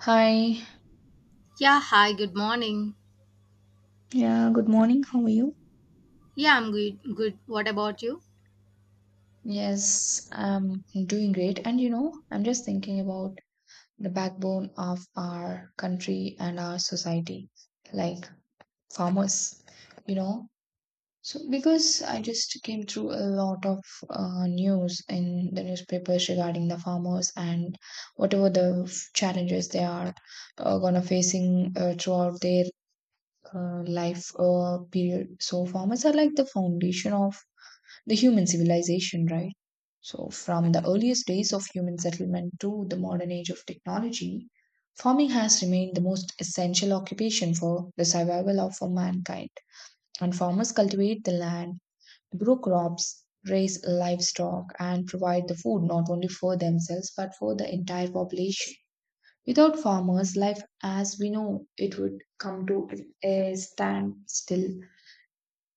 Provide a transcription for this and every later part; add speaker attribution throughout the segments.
Speaker 1: Hi.
Speaker 2: Yeah, hi, good morning.
Speaker 1: Yeah, good morning. How are you?
Speaker 2: Yeah, I'm good. Good. What about you?
Speaker 1: Yes, I'm doing great. And you know, I'm just thinking about the backbone of our country and our society, like farmers, you know. So, because I just came through a lot of news in the newspapers regarding the farmers and whatever the challenges they are gonna facing throughout their life period. So, farmers are like the foundation of the human civilization, right? So, from the earliest days of human settlement to the modern age of technology, farming has remained the most essential occupation for the survival of mankind. And farmers cultivate the land, grow crops, raise livestock, and provide the food not only for themselves but for the entire population. Without farmers, life as we know it would come to a standstill.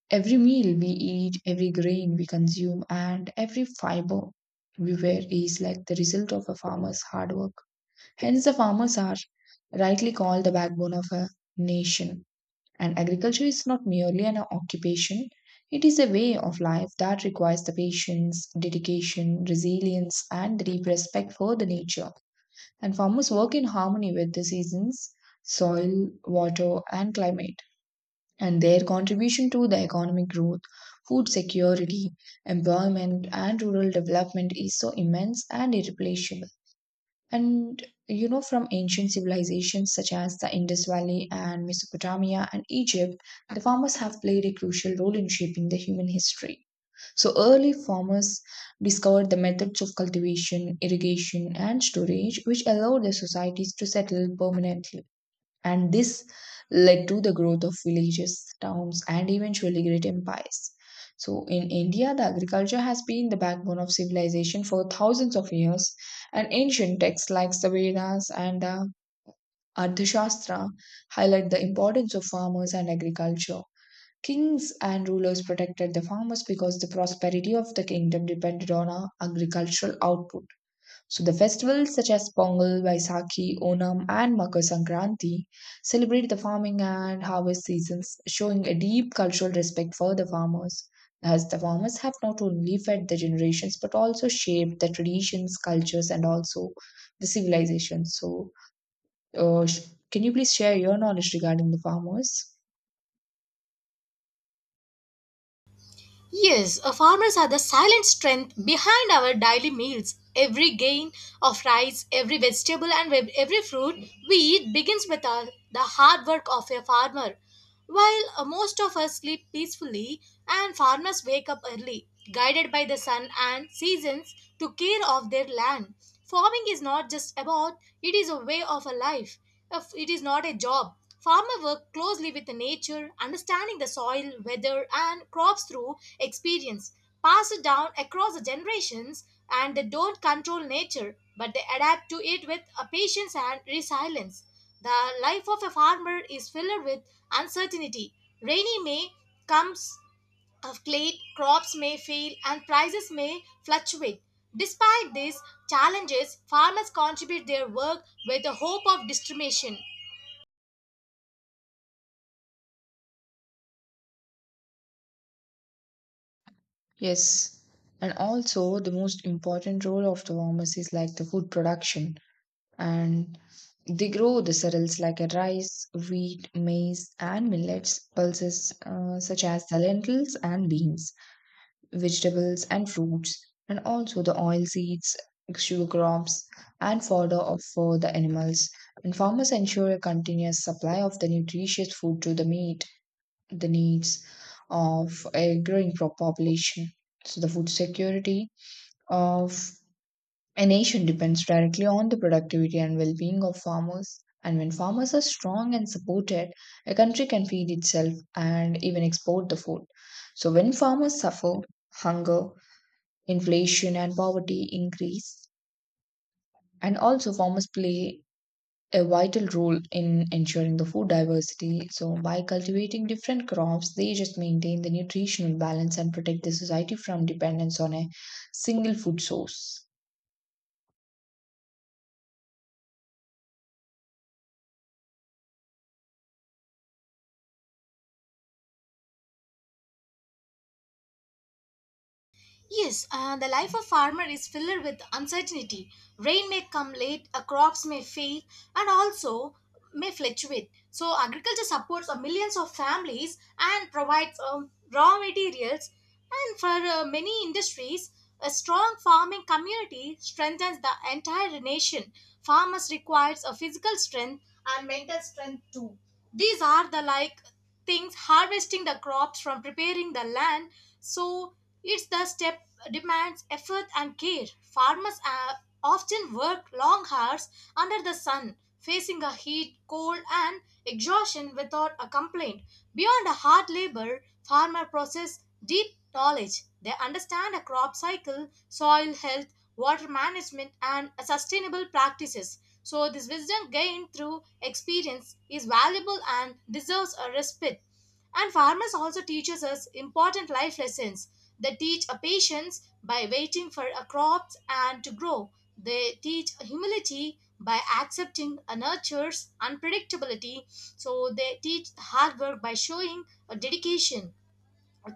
Speaker 1: Every meal we eat, every grain we consume, and every fiber we wear is like the result of a farmer's hard work. Hence, the farmers are rightly called the backbone of a nation. And agriculture is not merely an occupation, it is a way of life that requires the patience, dedication, resilience, and the deep respect for the nature. And farmers work in harmony with the seasons, soil, water, and climate and their contribution to the economic growth, food security, employment, and rural development is so immense and irreplaceable. And you know, from ancient civilizations such as the Indus Valley and Mesopotamia and Egypt, the farmers have played a crucial role in shaping the human history. So, early farmers discovered the methods of cultivation, irrigation, and storage, which allowed their societies to settle permanently and this led to the growth of villages, towns, and eventually great empires. So, in India, the agriculture has been the backbone of civilization for thousands of years, and ancient texts like the Vedas and the Arthashastra highlight the importance of farmers and agriculture. Kings and rulers protected the farmers because the prosperity of the kingdom depended on agricultural output. So the festivals such as Pongal, Vaisakhi, Onam, and Makar Sankranti celebrate the farming and harvest seasons, showing a deep cultural respect for the farmers, as the farmers have not only fed the generations but also shaped the traditions, cultures, and also the civilization. So, can you please share your knowledge regarding the farmers?
Speaker 2: Yes, farmers are the silent strength behind our daily meals. Every grain of rice, every vegetable, and every fruit we eat begins with our, the hard work of a farmer. While most of us sleep peacefully and farmers wake up early, guided by the sun and seasons to care of their land. Farming is not just about, it is a way of a life. If It is not a job. Farmer work closely with the nature, understanding the soil, weather and crops through experience, passed down across the generations, and they don't control nature, but they adapt to it with a patience and resilience. The life of a farmer is filled with uncertainty. Rainy may comes of late, crops may fail, and prices may fluctuate. Despite these challenges, farmers contribute their work with the hope of distribution.
Speaker 1: Yes. And also, the most important role of the farmers is like the food production, and they grow the cereals like a rice, wheat, maize, and millets, pulses such as the lentils and beans, vegetables and fruits, and also the oil seeds, sugar crops, and fodder of, for the animals. And farmers ensure a continuous supply of the nutritious food to the meet the needs of a growing population. So the food security of a nation depends directly on the productivity and well being of farmers. And when farmers are strong and supported, a country can feed itself and even export the food. So when farmers suffer, hunger, inflation, and poverty increase. And also, farmers play a vital role in ensuring the food diversity. So by cultivating different crops, they just maintain the nutritional balance and protect the society from dependence on a single food source.
Speaker 2: Yes, the life of farmer is filled with uncertainty. Rain may come late, crops may fail, and also may fluctuate. So agriculture supports millions of families and provides raw materials. And for many industries, a strong farming community strengthens the entire nation. Farmers requires a physical strength and mental strength too. These are the like things harvesting the crops from preparing the land, so it's the step demands effort and care. Farmers often work long hours under the sun, facing a heat cold and exhaustion without a complaint. Beyond a hard labor, farmer possess deep knowledge. They understand a crop cycle, soil health, water management and sustainable practices. So, this wisdom gained through experience is valuable and deserves a respite. And farmers also teaches us important life lessons. They teach a patience by waiting for a crops and to grow. They teach humility by accepting a nurture's unpredictability. So they teach hard work by showing a dedication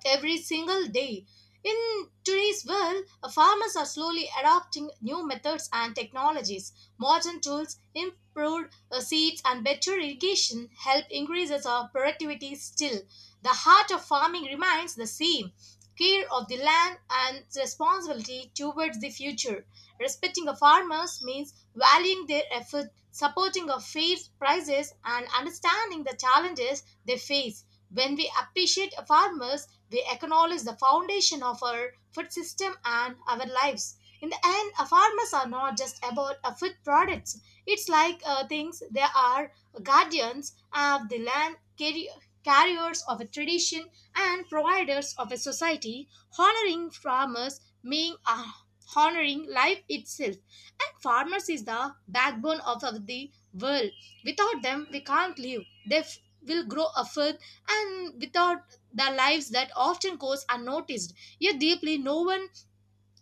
Speaker 2: every single day. In today's world, farmers are slowly adopting new methods and technologies. Modern tools, improved seeds, and better irrigation help increases our productivity still. The heart of farming remains the same, care of the land and responsibility towards the future. Respecting the farmers means valuing their effort, supporting of fair prices, and understanding the challenges they face. When we appreciate farmers, we acknowledge the foundation of our food system and our lives. In the end, farmers are not just about food products. It's like things they are guardians of the land, carriers of a tradition, and providers of a society. Honoring farmers means honoring life itself. And farmers is the backbone of the world. Without them, we can't live. They f- will grow a food, and without the lives that often goes unnoticed. Yet deeply, no one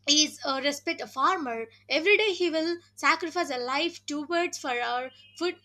Speaker 2: is respect a farmer. Every day he will sacrifice a life towards for our food,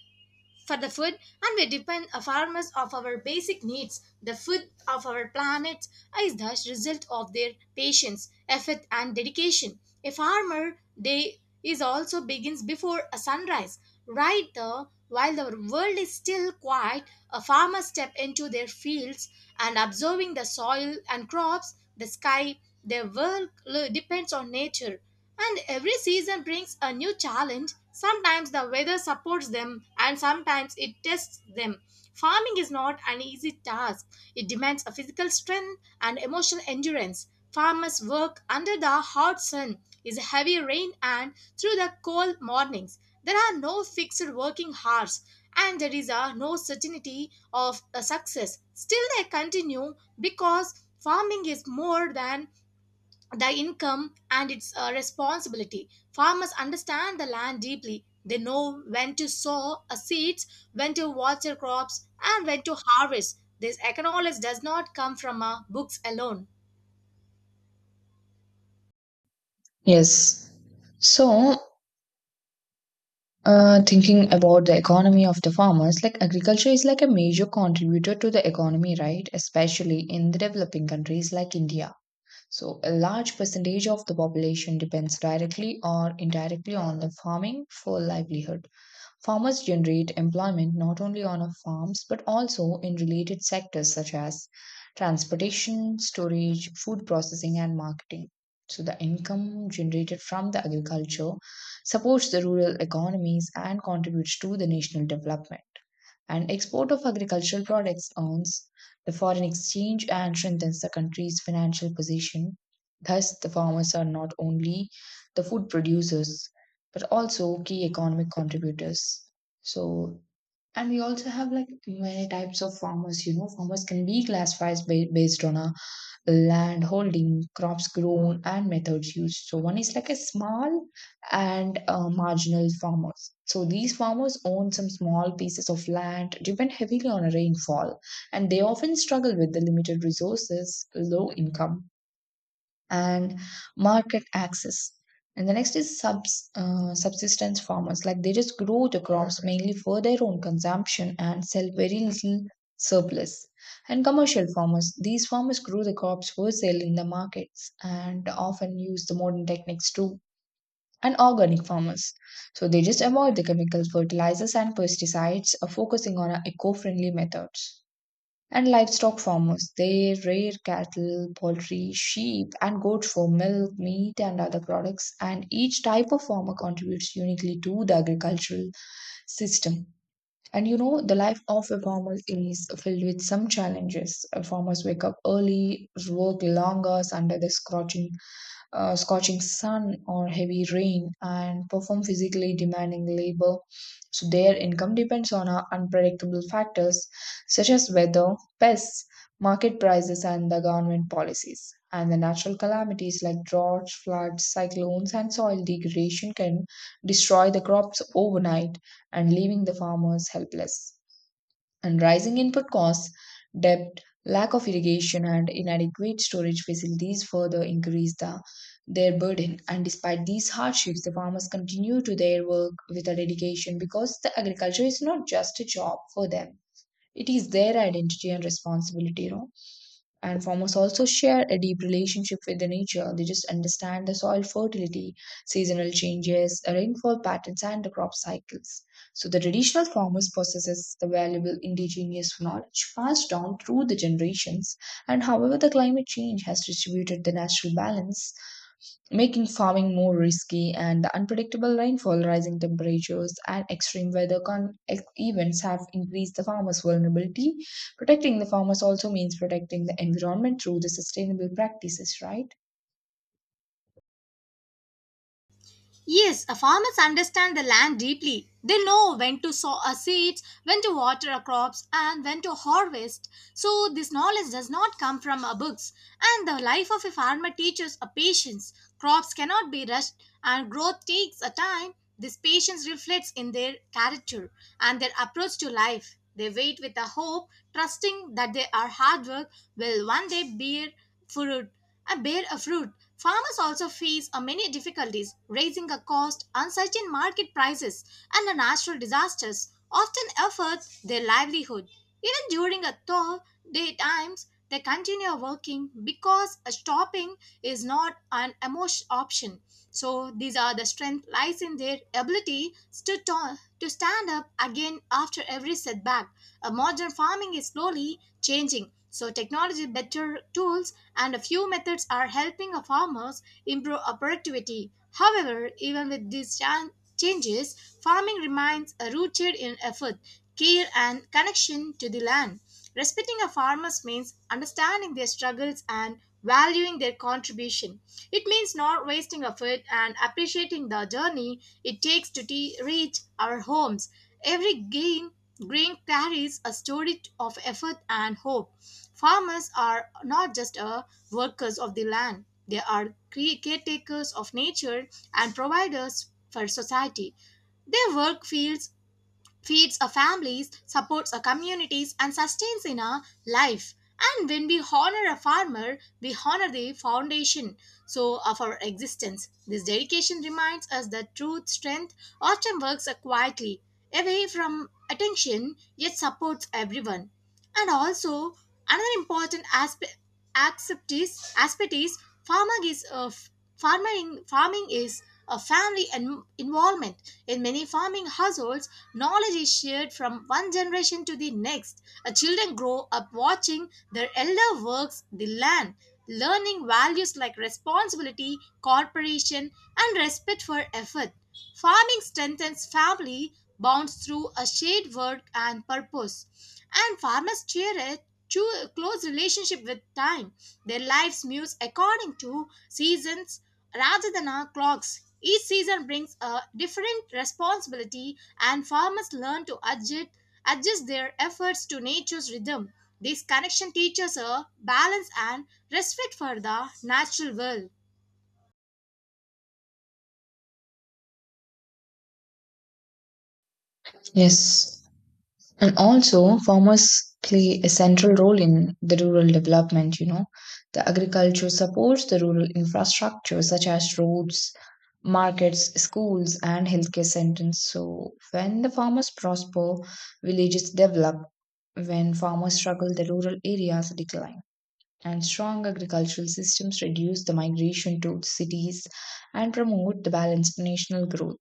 Speaker 2: for the food, and we depend on farmers of our basic needs. The food of our planet is the result of their patience, effort and dedication. A farmer day is also begins before a sunrise, right there. While our world is still quiet, a farmer step into their fields and observing the soil and crops, the sky. Their depends on nature, and every season brings a new challenge. Sometimes the weather supports them and sometimes it tests them. Farming is not an easy task. It demands a physical strength and emotional endurance. Farmers work under the hot sun, is heavy rain and through the cold mornings. There are no fixed working hours and there is a no certainty of a success. Still they continue because farming is more than the income and its responsibility. Farmers understand the land deeply. They know when to sow seeds, when to water crops, and when to harvest. This economics does not come from books alone.
Speaker 1: Yes. So, thinking about the economy of the farmers, like agriculture is like a major contributor to the economy, right? Especially in the developing countries like India. So, a large percentage of the population depends directly or indirectly on the farming for livelihood. Farmers generate employment not only on our farms but also in related sectors such as transportation, storage, food processing, and marketing. So, the income generated from the agriculture supports the rural economies and contributes to the national development and export of agricultural products earns the foreign exchange and strengthens the country's financial position. Thus, the farmers are not only the food producers but also key economic contributors. So, and we also have like many types of farmers, you know, farmers can be classified based on a land holding, crops grown, and methods used. So one is like a small and marginal farmers. So these farmers own some small pieces of land, depend heavily on rainfall, and they often struggle with the limited resources, low income, and market access. And the next is subsistence farmers. Like they just grow the crops mainly for their own consumption and sell very little surplus. And commercial farmers. These farmers grow the crops for sale in the markets and often use the modern techniques too. And organic farmers. So they just avoid the chemical fertilizers and pesticides, focusing on eco friendly methods. And livestock farmers, they rear cattle, poultry, sheep, and goats for milk, meat, and other products. And each type of farmer contributes uniquely to the agricultural system. And you know, the life of a farmer is filled with some challenges. Farmers wake up early, work long hours under the scorching sun or heavy rain and perform physically demanding labor. So their income depends on unpredictable factors such as weather, pests, market prices, and the government policies. And the natural calamities like droughts, floods, cyclones, and soil degradation can destroy the crops overnight and leaving the farmers helpless and rising input costs, debt, lack of irrigation, and inadequate storage facilities further increase the, their burden. And despite these hardships, the farmers continue to their work with a dedication because the agriculture is not just a job for them, it is their identity and responsibility, you know. And farmers also share a deep relationship with the nature. They just understand the soil fertility, seasonal changes, rainfall patterns, and the crop cycles. So the traditional farmers possesses the valuable indigenous knowledge passed down through the generations. And however, the climate change has distributed the natural balance, making farming more risky, and the unpredictable rainfall, rising temperatures, and extreme weather events have increased the farmers' vulnerability. Protecting the farmers also means protecting the environment through the sustainable practices, right?
Speaker 2: Yes, farmers understand the land deeply. They know when to sow seeds, when to water our crops, and when to harvest. So, this knowledge does not come from books. And the life of a farmer teaches a patience. Crops cannot be rushed, and growth takes a time. This patience reflects in their character and their approach to life. They wait with a hope, trusting that their hard work will one day bear fruit and bear a fruit. Farmers also face a many difficulties, raising a cost, uncertain market prices, and the natural disasters often affect their livelihood. Even during a tough day times, they continue working because a stopping is not an emotion option. So these are the strength lies in their ability to stand up again after every setback. A modern farming is slowly changing. So technology, better tools, and a few methods are helping our farmers improve our productivity. However, even with these changes, farming remains rooted in effort, care, and connection to the land. Respecting our farmers means understanding their struggles and valuing their contribution. It means not wasting effort and appreciating the journey it takes to reach our homes. Every gain grain carries a story of effort and hope. Farmers are not just workers of the land, they are caretakers of nature and providers for society. Their work fields feeds our families, supports our communities, and sustains in our life. And when we honor a farmer, we honor the foundation so of our existence. This dedication reminds us that truth, strength often works quietly, away from attention, yet supports everyone. And also, another important aspect is farming is farming is a family and involvement in many farming households. Knowledge is shared from one generation to the next. Children grow up watching their elder works the land, learning values like responsibility, cooperation, and respect for effort. Farming strengthens family bonds through a shared work and purpose. And farmers cherish a close relationship with time. Their lives move according to seasons rather than our clocks. Each season brings a different responsibility, and farmers learn to adjust their efforts to nature's rhythm. This connection teaches a balance and respect for the natural world.
Speaker 1: Yes. And also, farmers play a central role in the rural development, you know. The agriculture supports the rural infrastructure such as roads, markets, schools, and healthcare centers. So, when the farmers prosper, villages develop. When farmers struggle, the rural areas decline and strong agricultural systems reduce the migration to cities and promote the balanced national growth.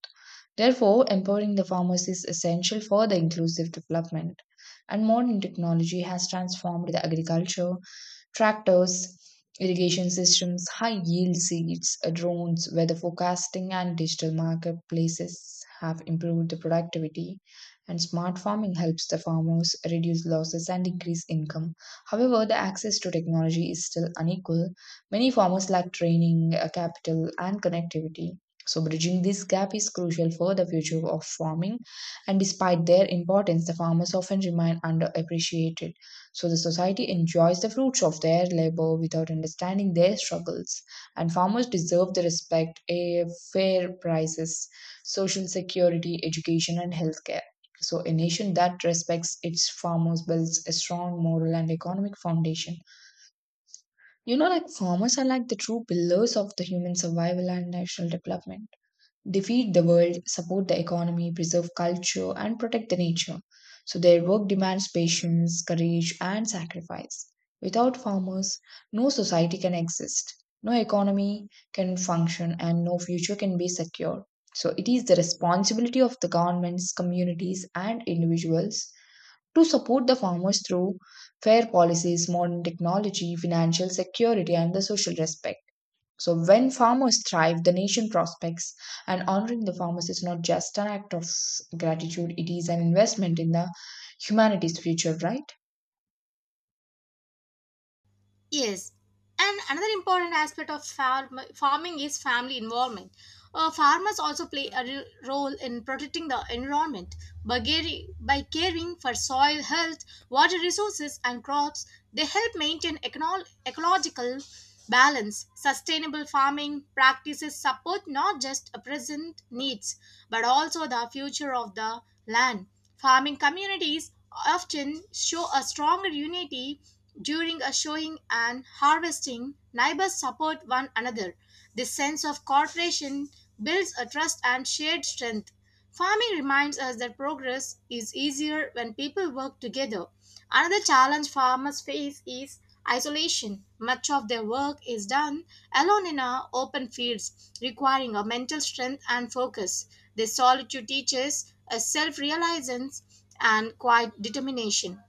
Speaker 1: Therefore, empowering the farmers is essential for the inclusive development. And modern technology has transformed the agriculture tractors, irrigation systems, high yield seeds, drones, weather forecasting, and digital marketplaces have improved the productivity. And smart farming helps the farmers reduce losses and increase income. However, the access to technology is still unequal. Many farmers lack training, capital, and connectivity. So, bridging this gap is crucial for the future of farming, and despite their importance, the farmers often remain underappreciated. So the society enjoys the fruits of their labor without understanding their struggles. And farmers deserve the respect, a fair prices, social security, education, and healthcare. So a nation that respects its farmers builds a strong moral and economic foundation. You know, like farmers are like the true pillars of the human survival and national development, defeat the world, support the economy, preserve culture, and protect the nature. So their work demands patience, courage, and sacrifice. Without farmers, no society can exist, no economy can function, and no future can be secure. So it is the responsibility of the governments, communities, and individuals to support the farmers through fair policies, modern technology, financial security, and the social respect. So when farmers thrive, the nation prospects. And honoring the farmers is not just an act of gratitude, it is an investment in the humanity's future, right?
Speaker 2: Yes, and another important aspect of farming is family involvement. Farmers also play a role in protecting the environment by, by caring for soil health, water resources, and crops. They help maintain ecological balance. Sustainable farming practices support not just a present needs but also the future of the land. Farming communities often show a stronger unity during a showing and harvesting, neighbors support one another. This sense of cooperation builds a trust and shared strength. Farming reminds us that progress is easier when people work together. Another challenge farmers face is isolation. Much of their work is done alone in our open fields, requiring a mental strength and focus. This solitude teaches a self realization and quiet determination.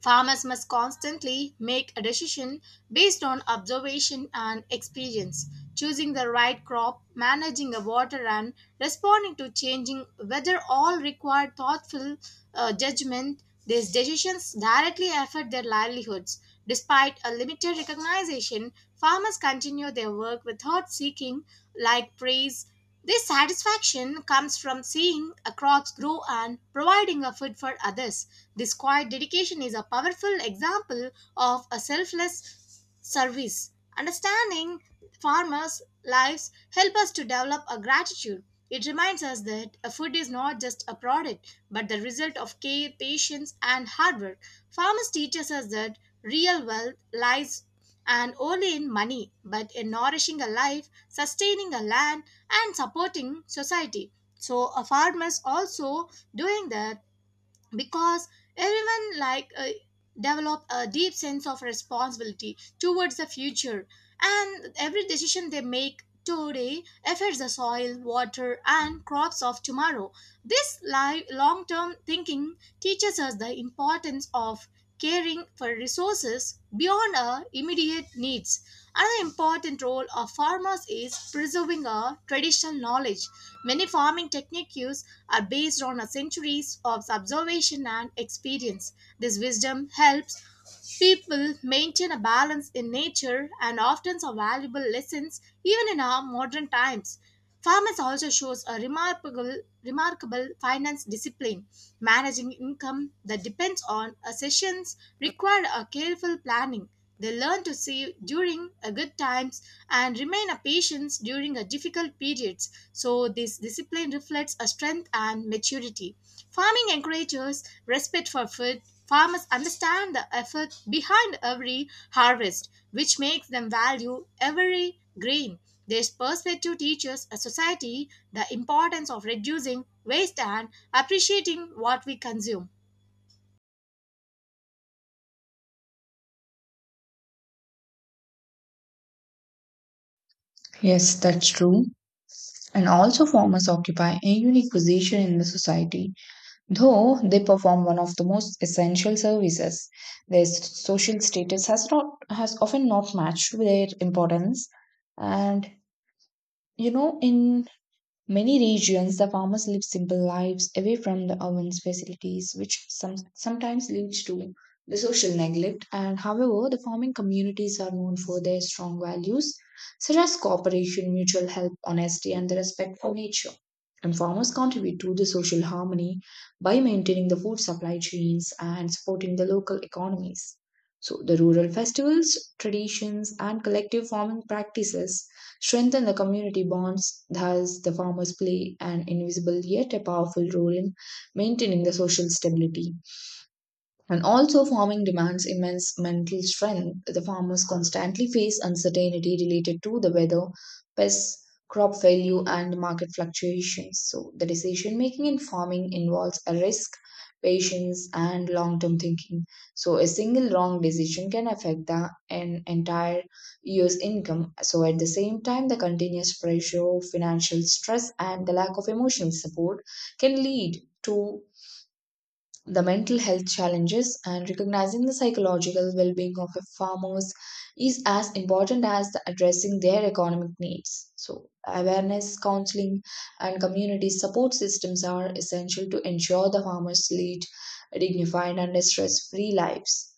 Speaker 2: Farmers must constantly make a decision based on observation and experience, choosing the right crop, managing the water, and responding to changing weather all require thoughtful judgment. These decisions directly affect their livelihoods. Despite a limited recognition, farmers continue their work without seeking like praise. This satisfaction comes from seeing a crops grow and providing a food for others. This quiet dedication is a powerful example of a selfless service. Understanding farmers' lives help us to develop a gratitude. It reminds us that a food is not just a product but the result of care, patience and hard work. Farmers teach us that real wealth lies and only in money, but in nourishing a life, sustaining a land, and supporting society. So a farmers also doing that because everyone like develop a deep sense of responsibility towards the future, and every decision they make today affects the soil, water and crops of tomorrow. This long-term thinking teaches us the importance of caring for resources beyond our immediate needs. Another important role of farmers is preserving our traditional knowledge. Many farming techniques are based on centuries of observation and experience. This wisdom helps people maintain a balance in nature and often saw valuable lessons even in our modern times. Farmers also shows a remarkable finance discipline, managing income that depends on a sessions required a careful planning. They learn to save during a good times and remain a patience during a difficult periods. So this discipline reflects a strength and maturity. Farming encourages respect for food. Farmers understand the effort behind every harvest, which makes them value every grain. This perspective teaches a society the importance of reducing waste and appreciating what we consume.
Speaker 1: Yes, that's true. And also, farmers occupy a unique position in the society, though they perform one of the most essential services. Their social status has not has often not matched their importance, and you know, in many regions, the farmers live simple lives away from the ovens facilities, which sometimes leads to the social neglect. And however, the farming communities are known for their strong values, such as cooperation, mutual help, honesty, and the respect for nature. And farmers contribute to the social harmony by maintaining the food supply chains and supporting the local economies. So, the rural festivals, traditions, and collective farming practices strengthen the community bonds. Thus, the farmers play an invisible yet a powerful role in maintaining the social stability. And also, farming demands immense mental strength. The farmers constantly face uncertainty related to the weather, pests, crop failure, and market fluctuations. So, the decision making in farming involves a risk, patience, and long term thinking. So, a single wrong decision can affect the an entire year's income. So, at the same time, the continuous pressure, financial stress, and the lack of emotional support can lead to the mental health challenges, and recognizing the psychological well-being of a farmers is as important as the addressing their economic needs. So awareness, counseling, and community support systems are essential to ensure the farmers lead dignified and stress-free lives.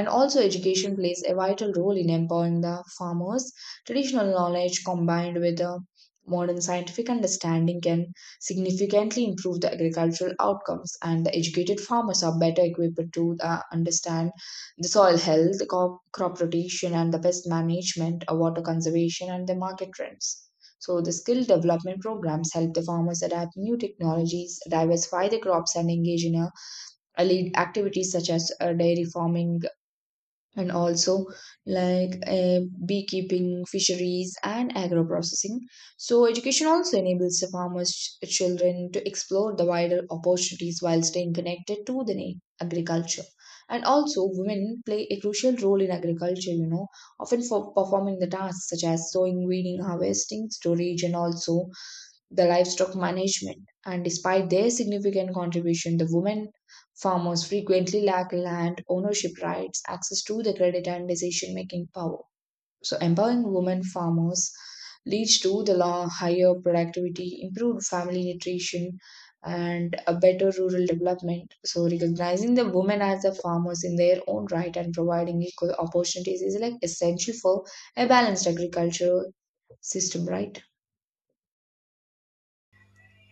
Speaker 1: And also, education plays a vital role in empowering the farmers. Traditional knowledge combined with the modern scientific understanding can significantly improve the agricultural outcomes, and the educated farmers are better equipped to understand the soil health, the crop rotation, and the pest management, water conservation, and the market trends. So, the skill development programs help the farmers adapt new technologies, diversify the crops, and engage in a lead activities such as dairy farming, and also like uh, beekeeping, fisheries, and agro processing. So, education also enables the farmers' children to explore the wider opportunities while staying connected to the agriculture. And also, women play a crucial role in agriculture, you know, often for performing the tasks such as sowing, weeding, harvesting, storage, and also the livestock management. And despite their significant contribution, the women farmers frequently lack land ownership rights, access to the credit, and decision making power. So, empowering women farmers leads to the law, higher productivity, improved family nutrition, and a better rural development. So, recognizing the women as the farmers in their own right and providing equal opportunities is like essential for a balanced agricultural system, right?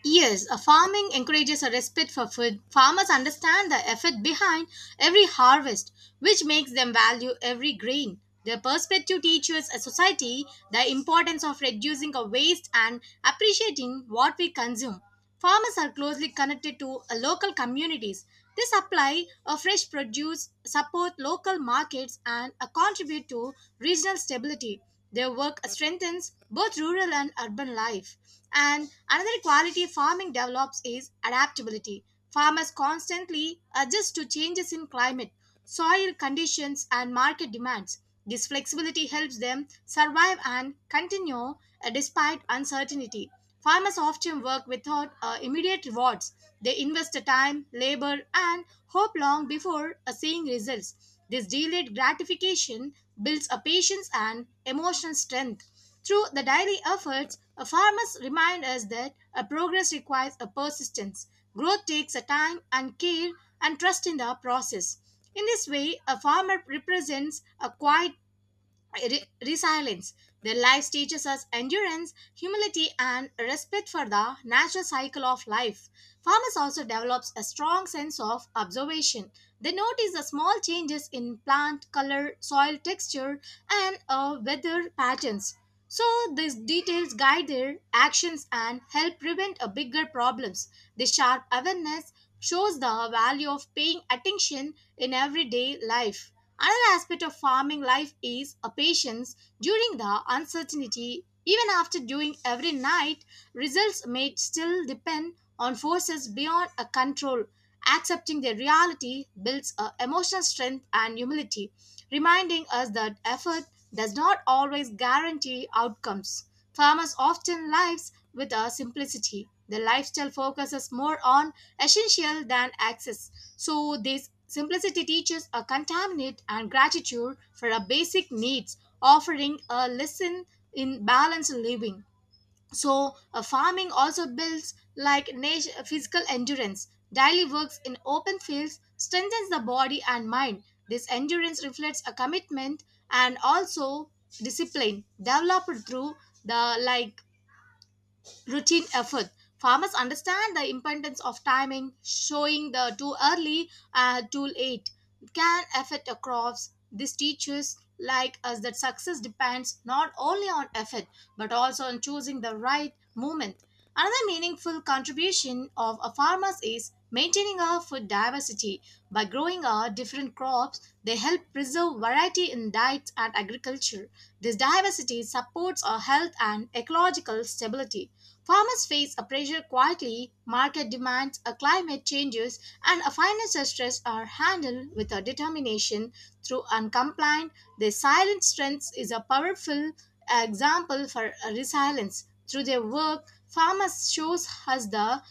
Speaker 2: Yes, a farming encourages a respect for food. Farmers understand the effort behind every harvest, which makes them value every grain. Their perspective teaches a society the importance of reducing a waste and appreciating what we consume. Farmers are closely connected to local communities. They supply a fresh produce, support local markets, and contribute to regional stability. Their work strengthens both rural and urban life. And another quality farming develops is adaptability. Farmers constantly adjust to changes in climate, soil conditions, and market demands. This flexibility helps them survive and continue despite uncertainty. Farmers often work without immediate rewards. They invest the time, labor, and hope long before seeing results. This delayed gratification builds a patience and emotional strength. Through the daily efforts, farmers remind us that a progress requires a persistence. Growth takes a time and care and trust in the process. In this way, a farmer represents a quiet resilience. Their lives teaches us endurance, humility, and respect for the natural cycle of life. Farmers also develops a strong sense of observation. They notice the small changes in plant color, soil texture, and weather patterns. So these details guide their actions and help prevent a bigger problems. This sharp awareness shows the value of paying attention in everyday life. Another aspect of farming life is a patience during the uncertainty. Even after doing every night, results may still depend on forces beyond our control. Accepting their reality builds a emotional strength and humility, reminding us that effort does not always guarantee outcomes. Farmers often lives with a simplicity. Their lifestyle focuses more on essential than access. So this simplicity teaches a contaminant and gratitude for our basic needs, offering a lesson in balanced living. So farming also builds like physical endurance. Daily works in open fields strengthens the body and mind. This endurance reflects a commitment and also discipline developed through the like routine effort. Farmers understand the importance of timing, showing the too early and too late can affect the crops. This teaches like us that success depends not only on effort but also on choosing the right moment. Another meaningful contribution of a farmers is maintaining our food diversity. By growing our different crops, they help preserve variety in diets and agriculture. This diversity supports our health and ecological stability. Farmers face a pressure quietly, market demands, a climate changes, and a financial stress are handled with a determination through uncompliant. Their silent strength is a powerful example for resilience. Through their work, farmers shows us the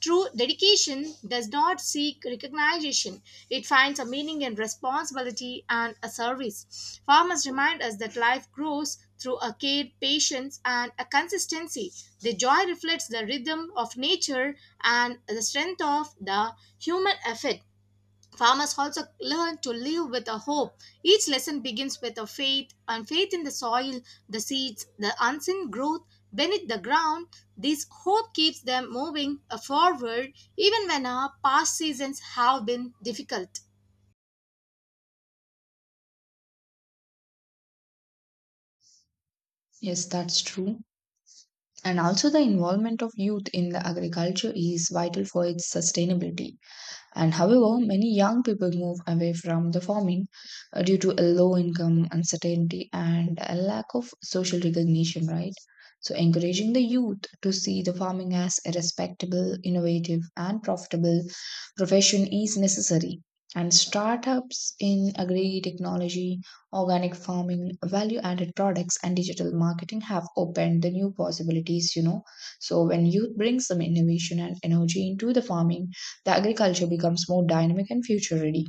Speaker 2: true dedication does not seek recognition. It finds a meaning in responsibility and a service. Farmers remind us that life grows through a care, patience, and a consistency. The joy reflects the rhythm of nature and the strength of the human effort. Farmers also learn to live with a hope. Each lesson begins with a faith and faith in the soil, the seeds, the unseen growth beneath the ground. This hope keeps them moving forward even when our past seasons have been difficult.
Speaker 1: Yes, that's true. And also, the involvement of youth in the agriculture is vital for its sustainability, and however, many young people move away from the farming due to a low income, uncertainty, and a lack of social recognition, right? So, encouraging the youth to see the farming as a respectable, innovative, and profitable profession is necessary. And startups in agri technology, organic farming, value added products, and digital marketing have opened the new possibilities, you know. So, when youth brings some innovation and energy into the farming, the agriculture becomes more dynamic and future ready.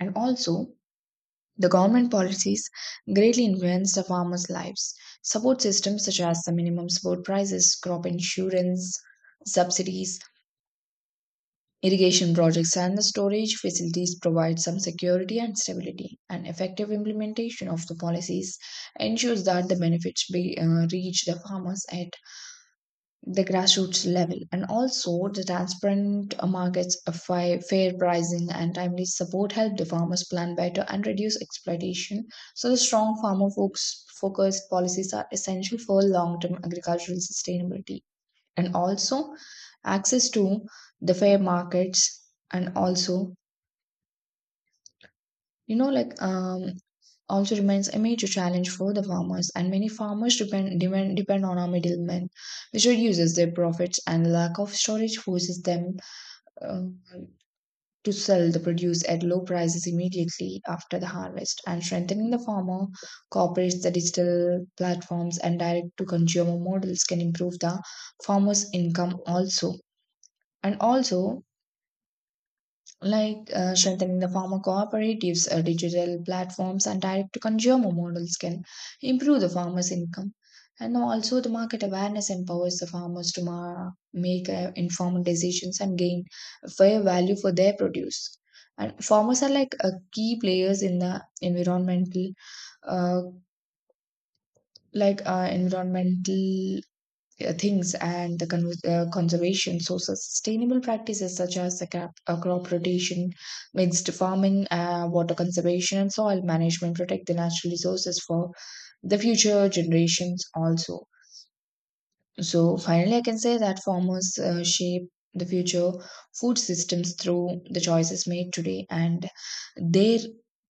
Speaker 1: And also, the government policies greatly influence the farmers' lives. Support systems such as the minimum support prices, crop insurance, subsidies, irrigation projects, and the storage facilities provide some security and stability. And effective implementation of the policies ensures that the benefits reach the farmers at the grassroots level, and also the transparent markets, a fair pricing and timely support help the farmers plan better and reduce exploitation. So the strong farmer folks focused policies are essential for long-term agricultural sustainability, and also access to the fair markets, and also you know like um, also remains a major challenge for the farmers, and many farmers depend on our middlemen, which reduces their profits, and the lack of storage forces them uh, to sell the produce at low prices immediately after the harvest. And strengthening the farmer cooperates the digital platforms and direct to consumer models can improve the farmer's income also. And also, strengthening the farmer cooperatives, digital platforms, and direct to consumer models can improve the farmers' income. And also, the market awareness empowers the farmers to make informed decisions and gain fair value for their produce. And farmers are key players in the environmental, uh, environmental things and the conservation. So, so sustainable practices such as the crop rotation, mixed farming, water conservation, and soil management protect the natural resources for the future generations also. So finally, I can say that farmers shape the future food systems through the choices made today, and their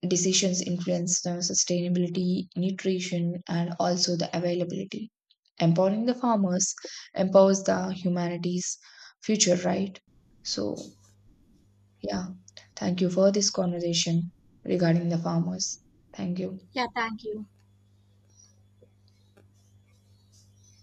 Speaker 1: decisions influence the sustainability, nutrition, and also the availability. Empowering the farmers empowers the humanity's future, right? So, yeah, thank you for this conversation regarding the farmers. Thank you.
Speaker 2: Yeah, thank you.